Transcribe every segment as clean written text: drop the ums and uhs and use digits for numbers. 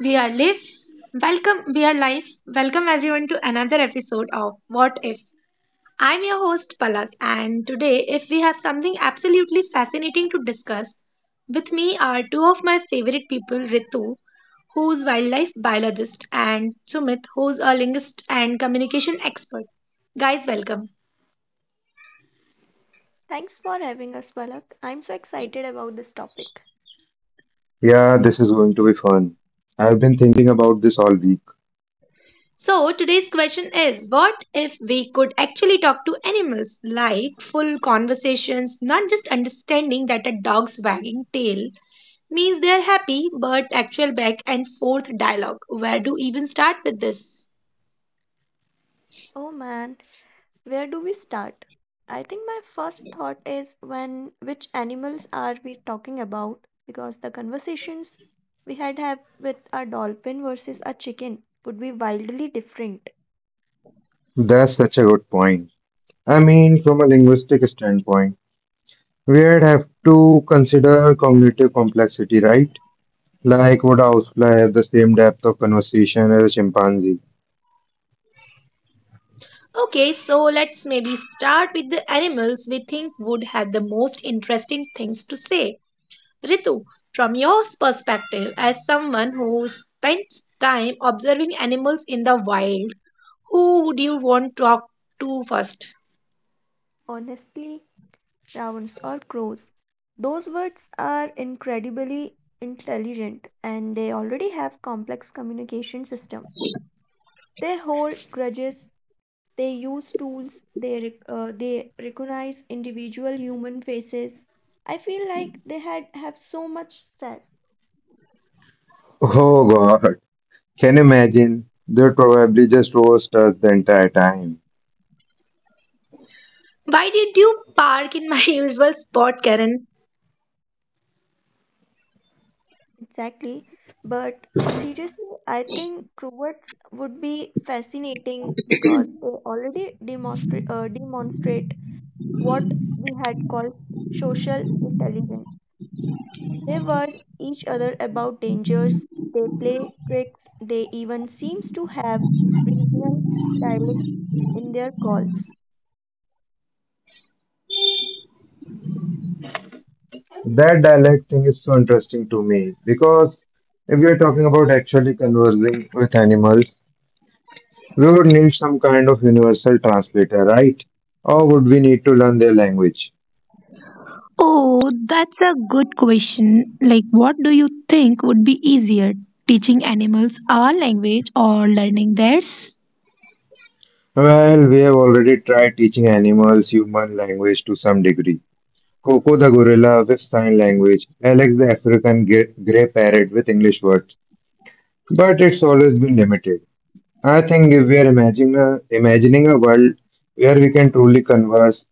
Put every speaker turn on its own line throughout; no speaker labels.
We are live. Welcome, we are live. Welcome everyone to another episode of What If. I'm your host Palak, and today, if we have something absolutely fascinating to discuss, with me are two of my favorite people, Ritu, who's wildlife biologist, and Sumit, who's a linguist and communication expert. Guys, welcome.
Thanks for having us, Balak. I'm so excited about this topic.
Yeah, this is going to be fun. I've been thinking about this all week.
So, today's question is what if we could actually talk to animals like full conversations, not just understanding that a dog's wagging tail means they are happy, but actual back and forth dialogue? Where do even start with this?
Oh man, where do we start? I think my first thought is when which animals are we talking about? Because the conversations we had have with a dolphin versus a chicken would be wildly different.
That's such a good point. I mean, from a linguistic standpoint, we'd have to consider cognitive complexity, right? Like, would a housefly have the same depth of conversation as a chimpanzee?
Okay, so let's maybe start with the animals we think would have the most interesting things to say. Ritu, from your perspective, as someone who spends time observing animals in the wild, who would you want to talk to first?
Honestly, ravens or crows. Those birds are incredibly intelligent and they already have complex communication systems. They hold grudges. They use tools, they recognize individual human faces. I feel like they had have so much success.
Oh God, can you imagine? They probably just roast us the entire time.
Why did you park in my usual spot, Karen?
Exactly. But seriously, I think robots would be fascinating because they already demonstrate what we had called social intelligence. They warn each other about dangers, they play tricks, they even seems to have regional dialect in their calls.
That dialect thing is so interesting to me because if we are talking about actually conversing with animals, we would need some kind of universal translator, right? Or would we need to learn their language?
Oh, that's a good question. Like, what do you think would be easier, teaching animals our language or learning theirs?
Well, we have already tried teaching animals human language to some degree. Coco the gorilla with sign language, Alex the African grey parrot with English words, but it's always been limited. I think if we are imagining a world where we can truly converse,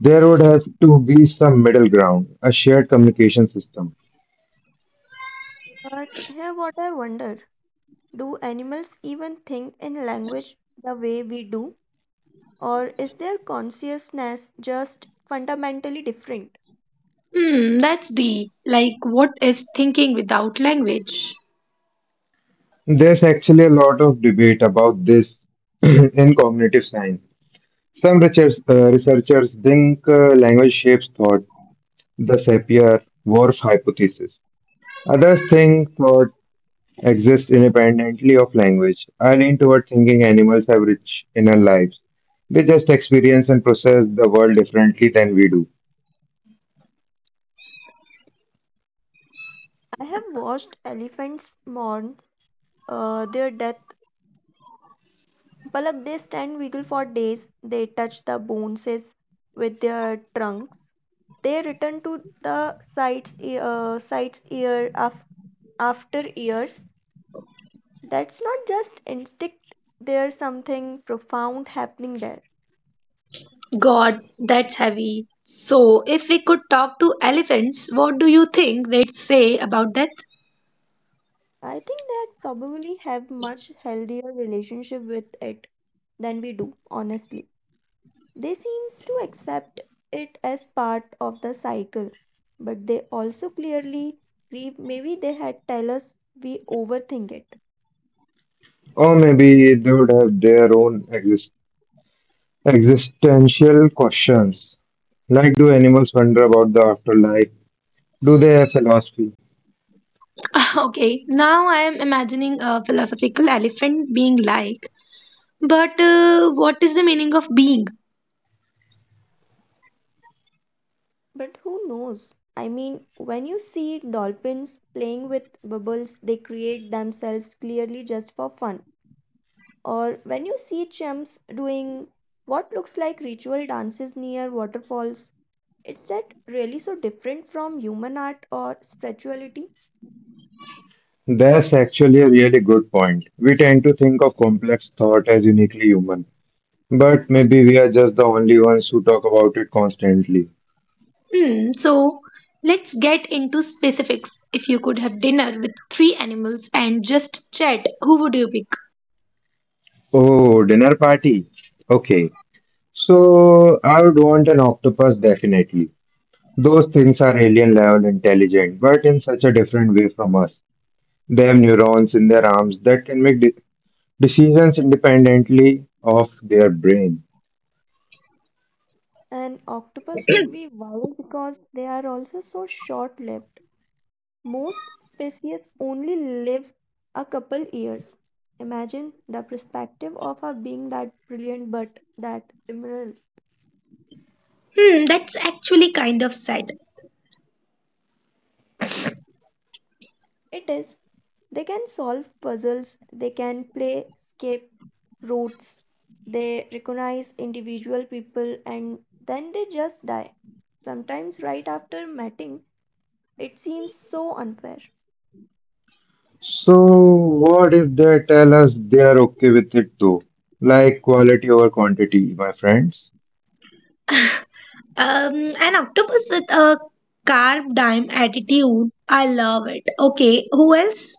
there would have to be some middle ground, a shared communication system.
But here, what I wonder, do animals even think in language the way we do? Or is their consciousness just fundamentally different?
Hmm, that's deep. Like, what is thinking without language?
There's actually a lot of debate about this in cognitive science. Some researchers think language shapes thought, the Sapir-Whorf hypothesis. Others think thought exists independently of language. I lean toward thinking animals have rich inner lives. They just experience and process the world differently than we do.
I have watched elephants mourn their death. Palak, they stand wiggle for days, they touch the bones with their trunks. They return to the sites year after years. That's not just instinct, there's something profound happening there.
God, that's heavy. So, if we could talk to elephants, what do you think they'd say about death?
I think that probably have much healthier relationship with it than we do, honestly. They seems to accept it as part of the cycle, but they also clearly grieve. Maybe they had tell us we overthink it.
Or maybe they would have their own existential questions. Like, do animals wonder about the afterlife? Do they have philosophy?
Okay, now I am imagining a philosophical elephant being like, but what is the meaning of being?
But who knows? I mean, when you see dolphins playing with bubbles, they create themselves clearly just for fun. Or when you see chimps doing what looks like ritual dances near waterfalls, is that really so different from human art or spirituality?
That's actually a really good point. We tend to think of complex thought as uniquely human, but maybe we are just the only ones who talk about it constantly.
Hmm, so, let's get into specifics. If you could have dinner with three animals and just chat, who would you pick?
Oh, dinner party. Okay, so I would want an octopus definitely. Those things are alien level intelligent, but in such a different way from us. They have neurons in their arms that can make decisions independently of their brain.
And octopus would be wild because they are also so short lived. Most species only live a couple years. Imagine the perspective of our being that brilliant but that ephemeral.
Hmm, that's actually kind of sad.
It is. They can solve puzzles, they can play escape routes, they recognize individual people, and then they just die. Sometimes, right after mating, it seems so unfair.
So, what if they tell us they are okay with it though? Like quality over quantity, my friends.
An octopus with a carb dime attitude. I love it. Okay, who else?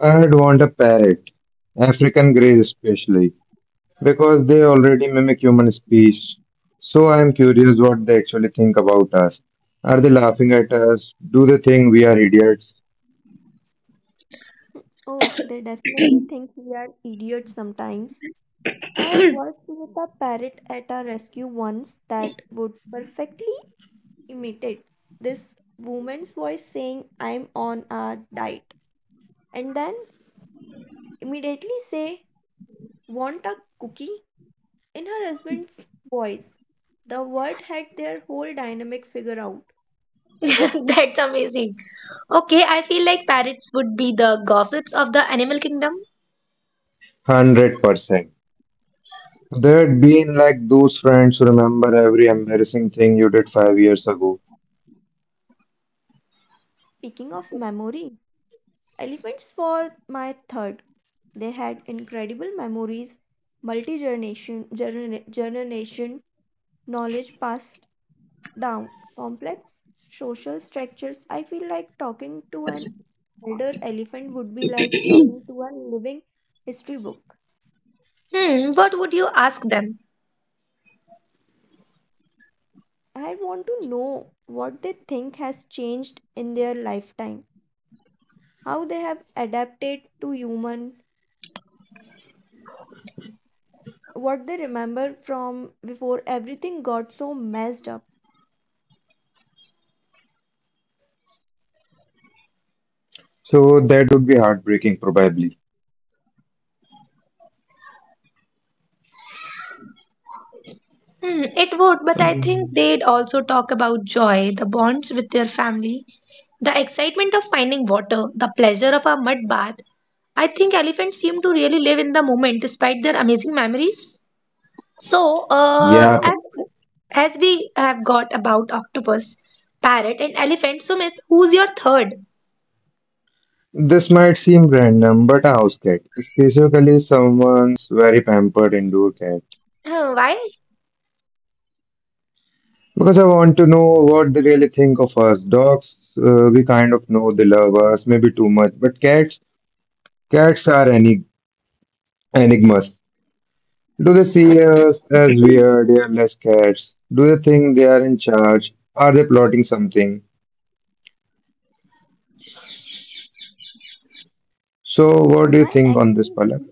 I'd want a parrot, African grey especially, because they already mimic human speech. So, I'm curious what they actually think about us. Are they laughing at us? Do they think we are idiots?
Oh, they definitely think we are idiots sometimes. I worked with a parrot at a rescue once that would perfectly imitate this woman's voice saying, "I'm on a diet," and then immediately say, "Want a cookie?" in her husband's voice. The word had their whole dynamic figured out.
That's amazing. Okay, I feel like parrots would be the gossips of the animal kingdom.
100%. They'd be like those friends who remember every embarrassing thing you did 5 years ago.
Speaking of memory, elephants were my third. They had incredible memories, multi generation knowledge passed down, complex social structures. I feel like talking to an elder elephant would be like talking to a living history book.
Hmm, what would you ask them?
I want to know what they think has changed in their lifetime, how they have adapted to human, what they remember from before everything got so messed up.
So, that would be heartbreaking, probably.
Hmm, it would, but I think
Mm.
they'd also talk about joy, the bonds with their family, the excitement of finding water, the pleasure of a mud bath. I think elephants seem to really live in the moment despite their amazing memories. So, uh,
Yeah,
as, as we have got about octopus, parrot, and elephant, Sumit, who's your third?
this might seem random, but a house cat is basically someone's very pampered indoor cat.
Why?
Because I want to know what they really think of us. Dogs, we kind of know they love us, maybe too much, but cats are enigmas. Do they see us as weird, airless cats? Do they think they are in charge? Are they plotting something? So, what do you
I
think on this,
actually
Palak?
read,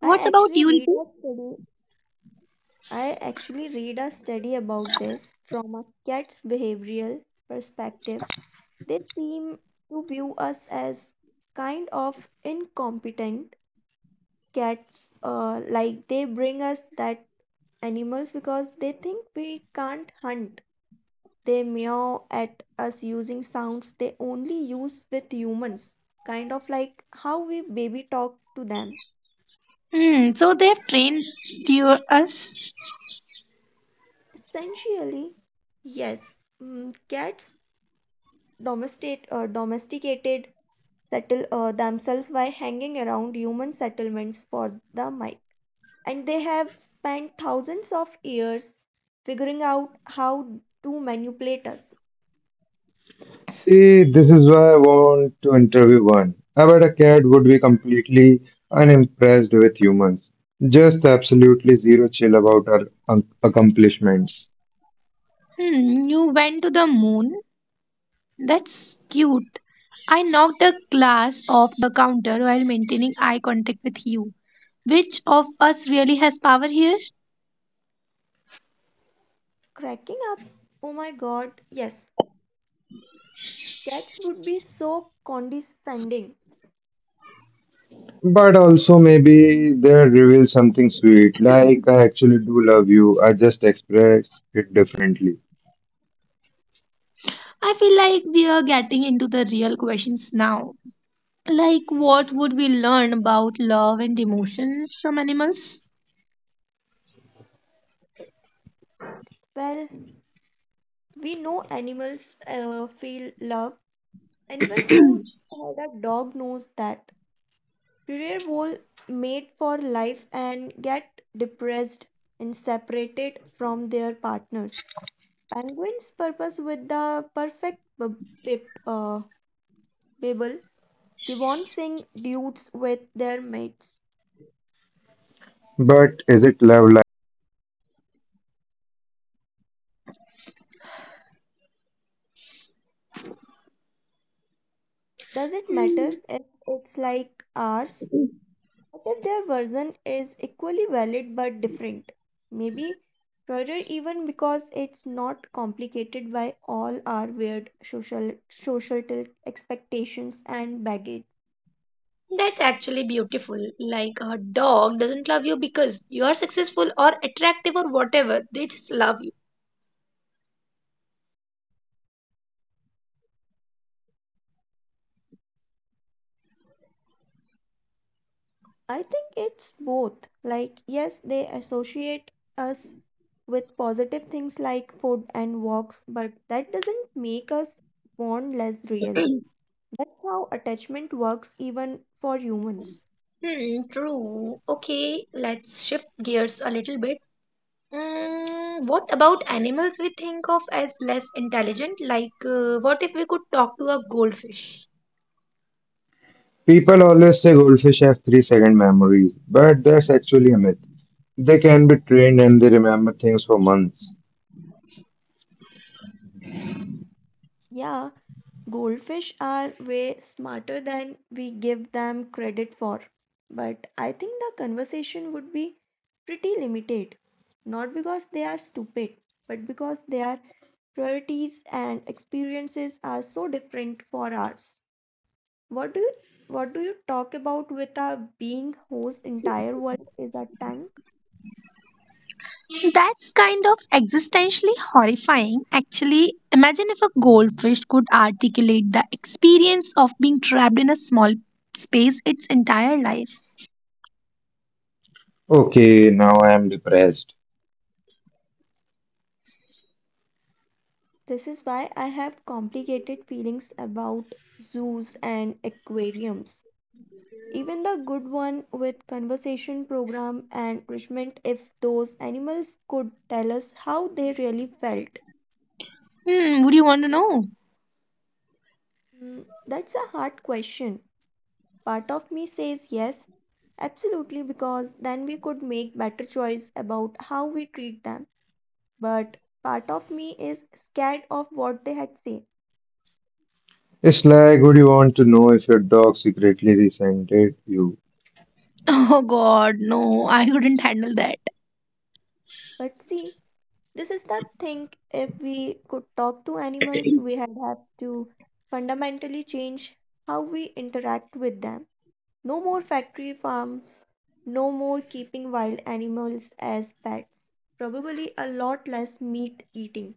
What's
I
about
actually
you,
read
Ritu?
a study. I actually read a study about this from a cat's behavioral perspective. They seem to view us as kind of incompetent cats, like they bring us that animals because they think we can't hunt. They meow at us using sounds they only use with humans, kind of like how we baby talk to them.
Hmm, so they have trained you, us.
Essentially, yes, cats domesticated settle themselves by hanging around human settlements for the mic. And they have spent thousands of years figuring out how to manipulate us.
See, this is why I want to interview one. I bet a cat would be completely unimpressed with humans, just absolutely zero chill about our accomplishments.
Hmm, you went to the moon. That's cute. I knocked a glass off the counter while maintaining eye contact with you. Which of us really has power here?
Cracking up, oh my god, yes, cats would be so condescending.
But also, maybe they reveal something sweet, like I actually do love you, I just express it differently.
I feel like we are getting into the real questions now. Like, what would we learn about love and emotions from animals?
Well, we know animals feel love. Anyone who had a dog knows that. Career goal made for life and get depressed and separated from their partners. Penguins purpose with the perfect pip, uh, babble. Gibbon sing dudes with their mates.
But is it love?
Does it matter
Mm,
if it's like ours? But their version is equally valid but different. Maybe further even because it's not complicated by all our weird social societal expectations and baggage.
That's actually beautiful. Like a dog doesn't love you because you are successful or attractive or whatever. They just love you.
I think it's both. Like yes, they associate us with positive things like food and walks, but that doesn't make us born less real. That's how attachment works even for humans.
Hmm, true. Okay, let's shift gears a little bit. What about animals we think of as less intelligent? Like, what if we could talk to a goldfish?
People always say goldfish have 3-second memories, but that's actually a myth. They can be trained and they remember things for months.
Yeah, goldfish are way smarter than we give them credit for, but I think the conversation would be pretty limited, not because they are stupid, but because their priorities and experiences are so different for ours. What do you what do you talk about with a being whose entire world is a tank?
That's kind of existentially horrifying. Actually, imagine if a goldfish could articulate the experience of being trapped in a small space its entire life.
Okay, now I am depressed.
This is why I have complicated feelings about zoos and aquariums. Even the good one with conversation program and enrichment, if those animals could tell us how they really felt.
Hmm, would you want to know?
Mm, that's a hard question. Part of me says yes, absolutely, because then we could make better choice about how we treat them. But part of me is scared of what they had say.
It's like, would you want to know if your dog secretly resented you?
Oh god, no, I couldn't handle that.
But see, this is the thing. If we could talk to animals, we had have to fundamentally change how we interact with them. No more factory farms, no more keeping wild animals as pets, probably a lot less meat eating.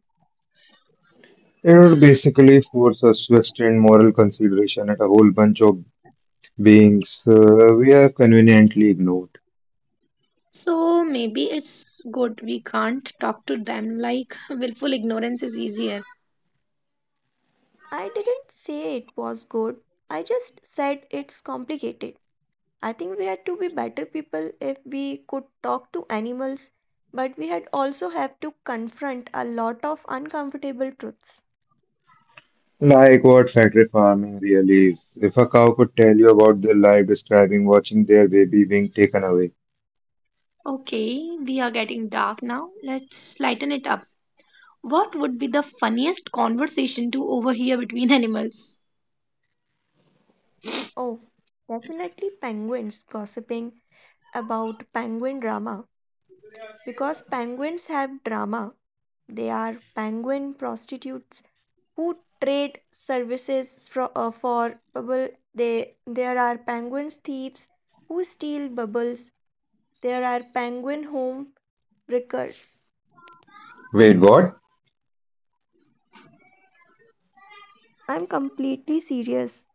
It would basically force us to extend moral consideration at a whole bunch of beings we have conveniently ignored.
So maybe it's good we can't talk to them like willful ignorance is easier.
I didn't say it was good, I just said it's complicated. I think we had to be better people if we could talk to animals, but we had also have to confront a lot of uncomfortable truths.
Like what factory farming really is. If a cow could tell you about their life describing watching their baby being taken away.
Okay, we are getting dark now. Let's lighten it up. What would be the funniest conversation to overhear between animals?
Oh, definitely penguins gossiping about penguin drama. Because penguins have drama, they are penguin prostitutes who trade services for bubble. There are penguins thieves who steal bubbles. There are penguin home wreckers.
Wait, what?
I'm completely serious.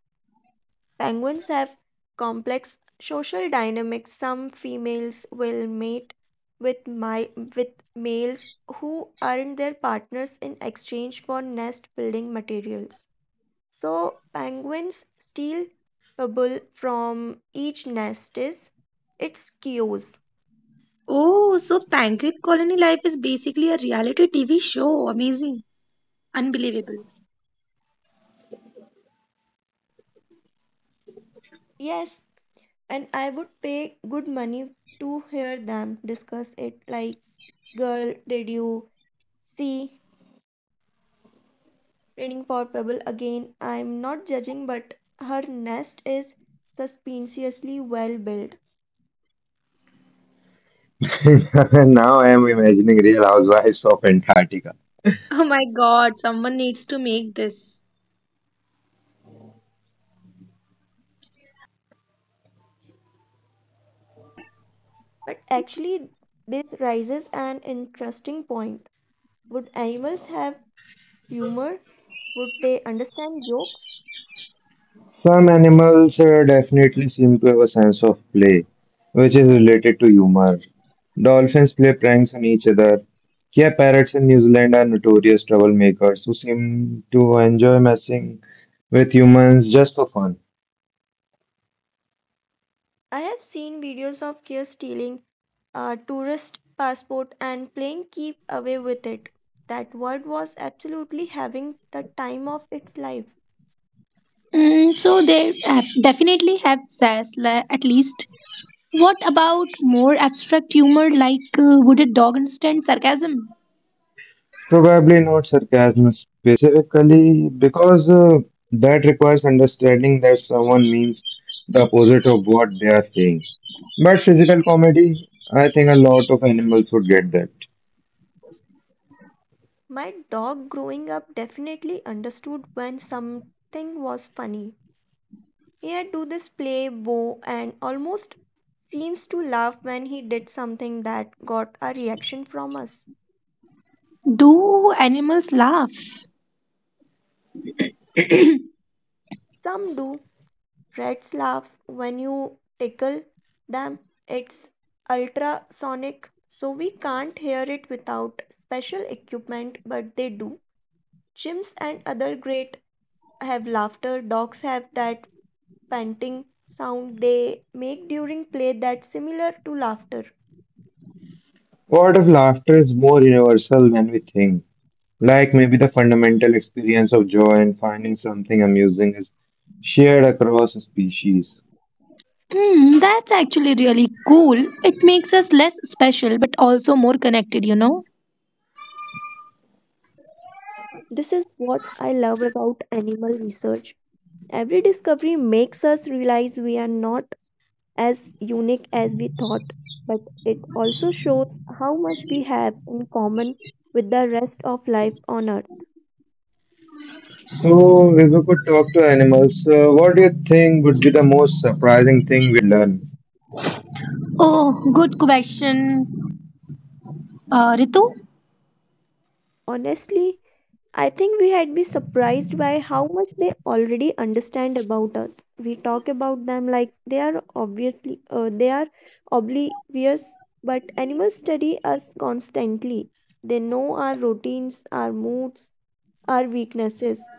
Penguins have complex social dynamics. Some females will mate with my with males who aren't their partners in exchange for nest building materials. So penguins steal pebble from each nest is its cues.
Oh, so Penguin Colony Life is basically a reality TV show. Amazing. Unbelievable.
Yes, and I would pay good money to hear them discuss it like, "Girl, did you see training for pebble again? I'm not judging, but her nest is suspiciously well built."
Now I am imagining real housewives of Antarctica.
Oh my god, someone needs to make this.
But actually, this raises an interesting point. Would animals have humor? Would they understand jokes?
Some animals definitely seem to have a sense of play, which is related to humor. Dolphins play pranks on each other. Yeah, parrots in New Zealand are notorious troublemakers who seem to enjoy messing with humans just for fun.
I have seen videos of kids stealing a tourist passport and playing keep away with it. That word was absolutely having the time of its life.
Mm, so they have definitely have sass, at least. What about more abstract humor like would a dog understand sarcasm?
Probably not sarcasm specifically, because that requires understanding that someone means the opposite of what they are saying. But physical comedy, I think a lot of animals would get that.
My dog growing up definitely understood when something was funny. Here do this play bow and almost seems to laugh when he did something that got a reaction from us.
Do animals laugh?
Some do. Rats laugh when you tickle them. It's ultrasonic, so we can't hear it without special equipment, but they do. Chimps and other great have laughter. Dogs have that panting sound they make during play that's similar to laughter.
What if laughter is more universal than we think? Like maybe the fundamental experience of joy and finding something amusing is shared across species.
Hmm, that's actually really cool. It makes us less special but also more connected, you know?
This is what I love about animal research. Every discovery makes us realize we are not as unique as we thought, but it also shows how much we have in common with the rest of life on Earth.
So, if we could talk to animals, what do you think would be the most surprising thing we had learned?
Oh, good question, Ritu.
Honestly, I think we had been surprised by how much they already understand about us. We talk about them like they are oblivious, but animals study us constantly. They know our routines, our moods, our weaknesses.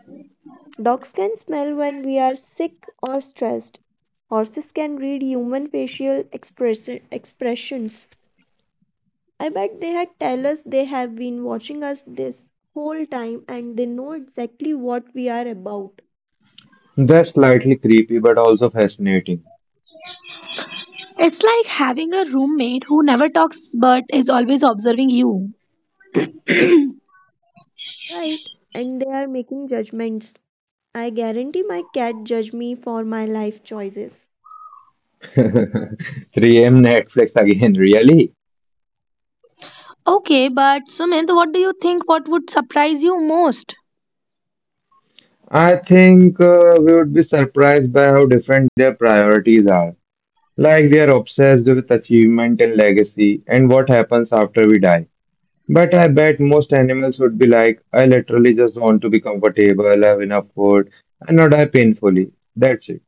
Dogs can smell when we are sick or stressed. Horses can read human facial expressions. I bet they had tell us they have been watching us this whole time and they know exactly what we are about.
That's slightly creepy, but also fascinating.
It's like having a roommate who never talks but is always observing you.
Right? And they are making judgments. I guarantee my cat judge me for my life choices.
3 a.m. Netflix again, really?
Okay, but Sumit, what do you think? What would surprise you most?
I think we would be surprised by how different their priorities are. Like they are obsessed with achievement and legacy and what happens after we die. But I bet most animals would be like, I literally just want to be comfortable, have enough food, and not die painfully. That's it.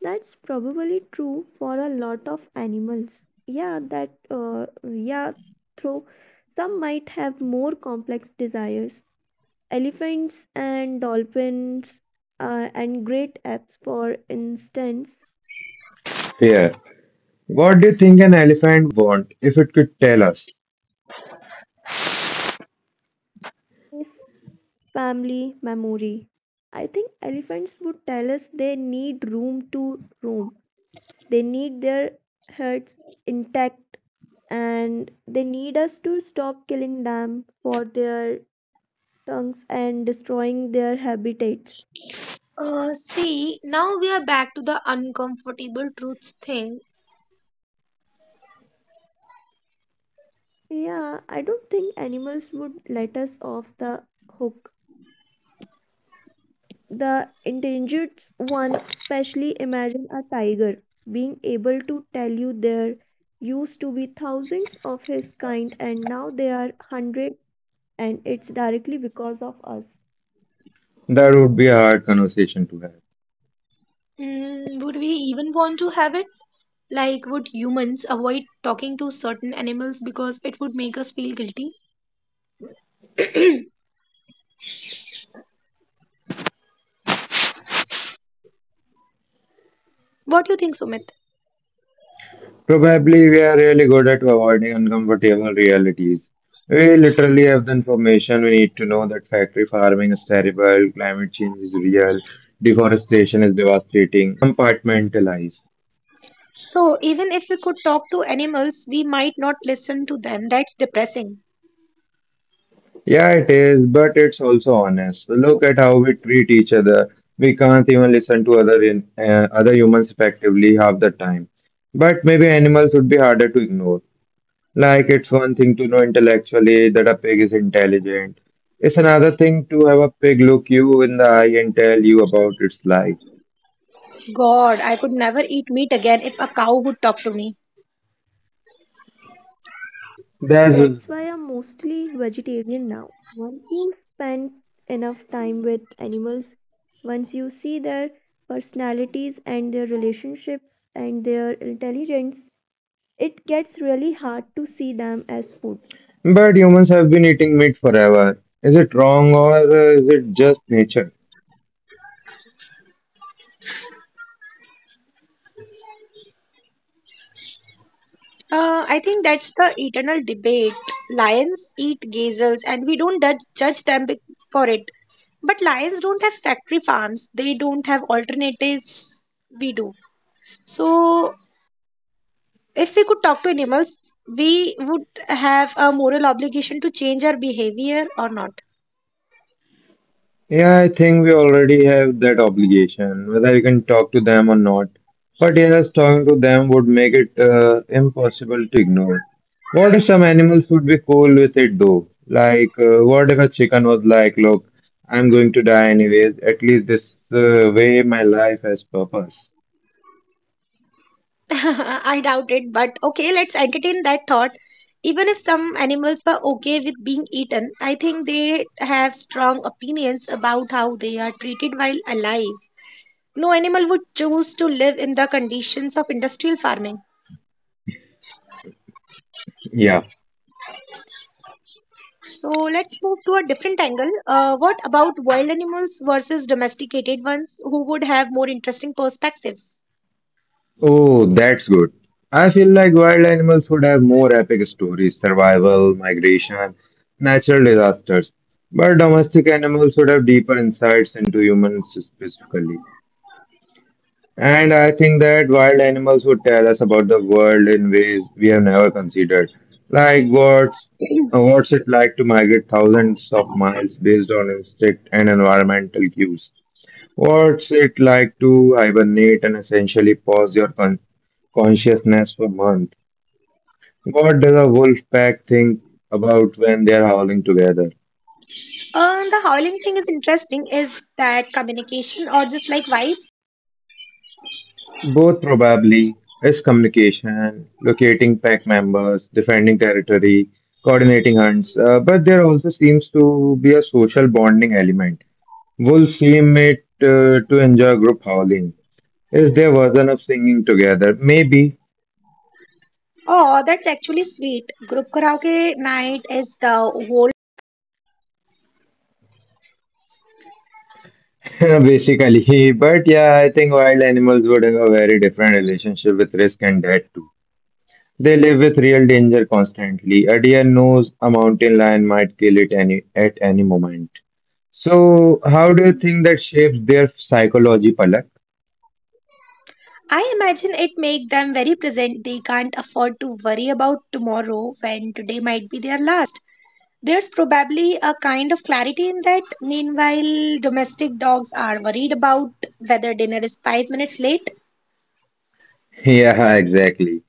That's probably true for a lot of animals. Yeah, yeah, through some might have more complex desires. Elephants and dolphins and great apes, for instance,
Fear. What do you think an elephant would want if it could tell us?
is family memory. I think elephants would tell us they need room to roam. They need their herds intact and they need us to stop killing them for their tongues and destroying their habitats.
See, now we are back to the uncomfortable truths thing.
Yeah, I don't think animals would let us off the hook. The endangered one, especially imagine a tiger being able to tell you there used to be thousands of his kind and now there are hundreds, and it's directly because of us.
That would be a hard conversation to have.
Would we even want to have it? Like, would humans avoid talking to certain animals because it would make us feel guilty? What do you think, Sumit?
Probably we are really good at avoiding uncomfortable realities. We literally have the information we need to know that factory farming is terrible, climate change is real, deforestation is devastating, but we compartmentalize.
So, even if we could talk to animals, we might not listen to them. That's depressing.
Yeah, it is, but it's also honest. Look at how we treat each other. We can't even listen to other humans effectively half the time. But maybe animals would be harder to ignore. Like it's one thing to know intellectually that a pig is intelligent. It's another thing to have a pig look you in the eye and tell you about its life.
God, I could never eat meat again if a cow would talk to me.
There's
That's why I'm mostly vegetarian now. Once you spend enough time with animals, once you see their personalities and their relationships and their intelligence, it gets really hard to see them as food.
but humans have been eating meat forever. Is it wrong or is it just nature?
I think that's the eternal debate. Lions eat gazelles, and we don't judge them for it. But lions don't have factory farms, they don't have alternatives. We do. So, if we could talk to animals, we would have a moral obligation to change our behavior or not.
Yeah, I think we already have that obligation, whether you can talk to them or not. But yes, talking to them would make it impossible to ignore. What if some animals would be cool with it though? Like, what if a chicken was like, look, I'm going to die anyways, at least this way my life has purpose?
I doubt it, but okay, let's entertain that thought. Even if some animals were okay with being eaten, I think they have strong opinions about how they are treated while alive. No animal would choose to live in the conditions of industrial farming.
Yeah.
So let's move to a different angle. What about wild animals versus domesticated ones who would have more interesting perspectives?
Oh, that's good. I feel like wild animals would have more epic stories, survival, migration, natural disasters. But domestic animals would have deeper insights into humans specifically. And I think that wild animals would tell us about the world in ways we have never considered. Like what's uh, what's it like to migrate thousands of miles based on instinct and environmental cues. What's it like to hibernate and essentially pause your consciousness for months? What does a wolf pack think about when they are howling together?
The howling thing is interesting. Is that communication or just like vibes?
Both probably is communication, locating pack members, defending territory, coordinating hunts, but there also seems to be a social bonding element. Wolves seem it to enjoy group howling. Is their version of singing together? Maybe.
Oh, that's actually sweet. Group karaoke night is the whole.
Basically, but yeah, I think wild animals would have a very different relationship with risk and death too. They live with real danger constantly. A deer knows a mountain lion might kill it any at any moment. So, how do you think that shapes their psychology, Palak?
I imagine it make them very present. They can't afford to worry about tomorrow when today might be their last. There's probably a kind of clarity in that. Meanwhile, domestic dogs are worried about whether dinner is 5 minutes late.
Yeah, exactly.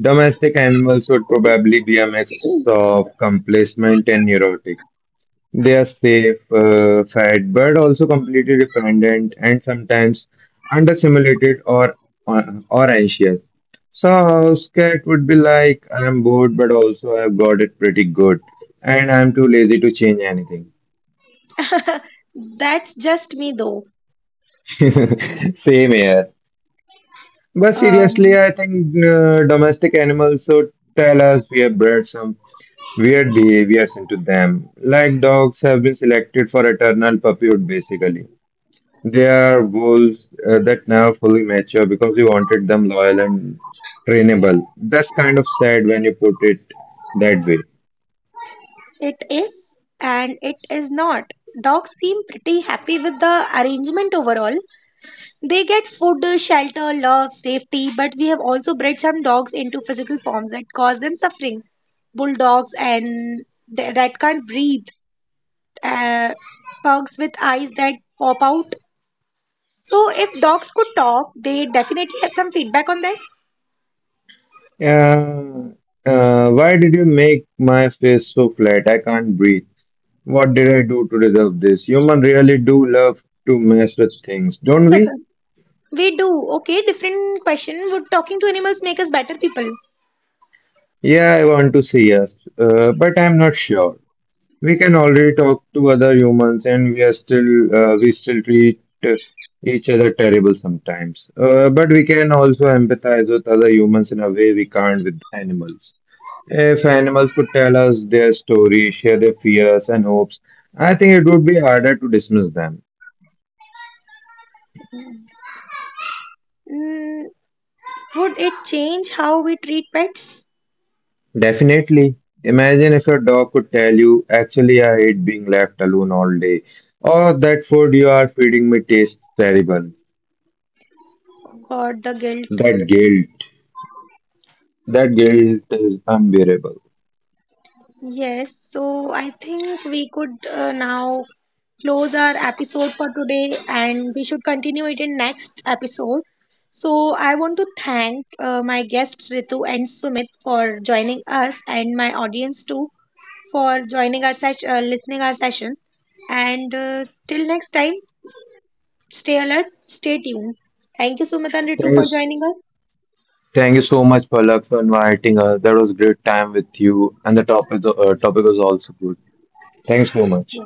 Domestic animals would probably be a mix of complacent and neurotic. They are safe, fed, but also completely dependent and sometimes understimulated or anxious. So a house cat would be like, I'm bored, but also I've got it pretty good, and I'm too lazy to change anything.
That's just me though.
Same here. But
Um,
seriously, I think domestic animals should tell us we have bred some weird behaviors into them. Like dogs have been selected for eternal puppyhood, basically. They are wolves that never fully mature because we wanted them loyal and trainable. That's kind of sad when you put it that way.
it is and it is not. Dogs seem pretty happy with the arrangement overall. They get food, shelter, love, safety, but we have also bred some dogs into physical forms that cause them suffering. Bulldogs and that can't breathe, uh, pugs with eyes that pop out. So, if dogs could talk, they definitely had some feedback on that.
Why did you make my face so flat? I can't breathe. What did I do to deserve this? Human really do love to mess with things, don't we?
We do. Okay, different question. Would talking to animals make us better people?
Yeah, I want to see us, but I'm not sure. we can already talk to other humans and We still treat each other terrible sometimes, but we can also empathize with other humans in a way we can't with animals. If animals could tell us their stories, share their fears and hopes, I think it would be harder to dismiss them.
Mm, would it change how we treat pets?
Definitely. Imagine if your dog could tell you, actually, I hate being left alone all day, or that food you are feeding me tastes terrible.
God, the guilt.
That guilt That guilt is unbearable.
Yes, so I think we could now close our episode for today and we should continue it in next episode. So I want to thank my guests Ritu and Sumit for joining us and my audience too for joining our session, listening our session. And till next time, stay alert, stay tuned. Thank you Sumit and Ritu
Thank you,
for joining us.
thank you so much, Palak, for inviting us. That was a great time with you, and the topic was also good. Thanks so much.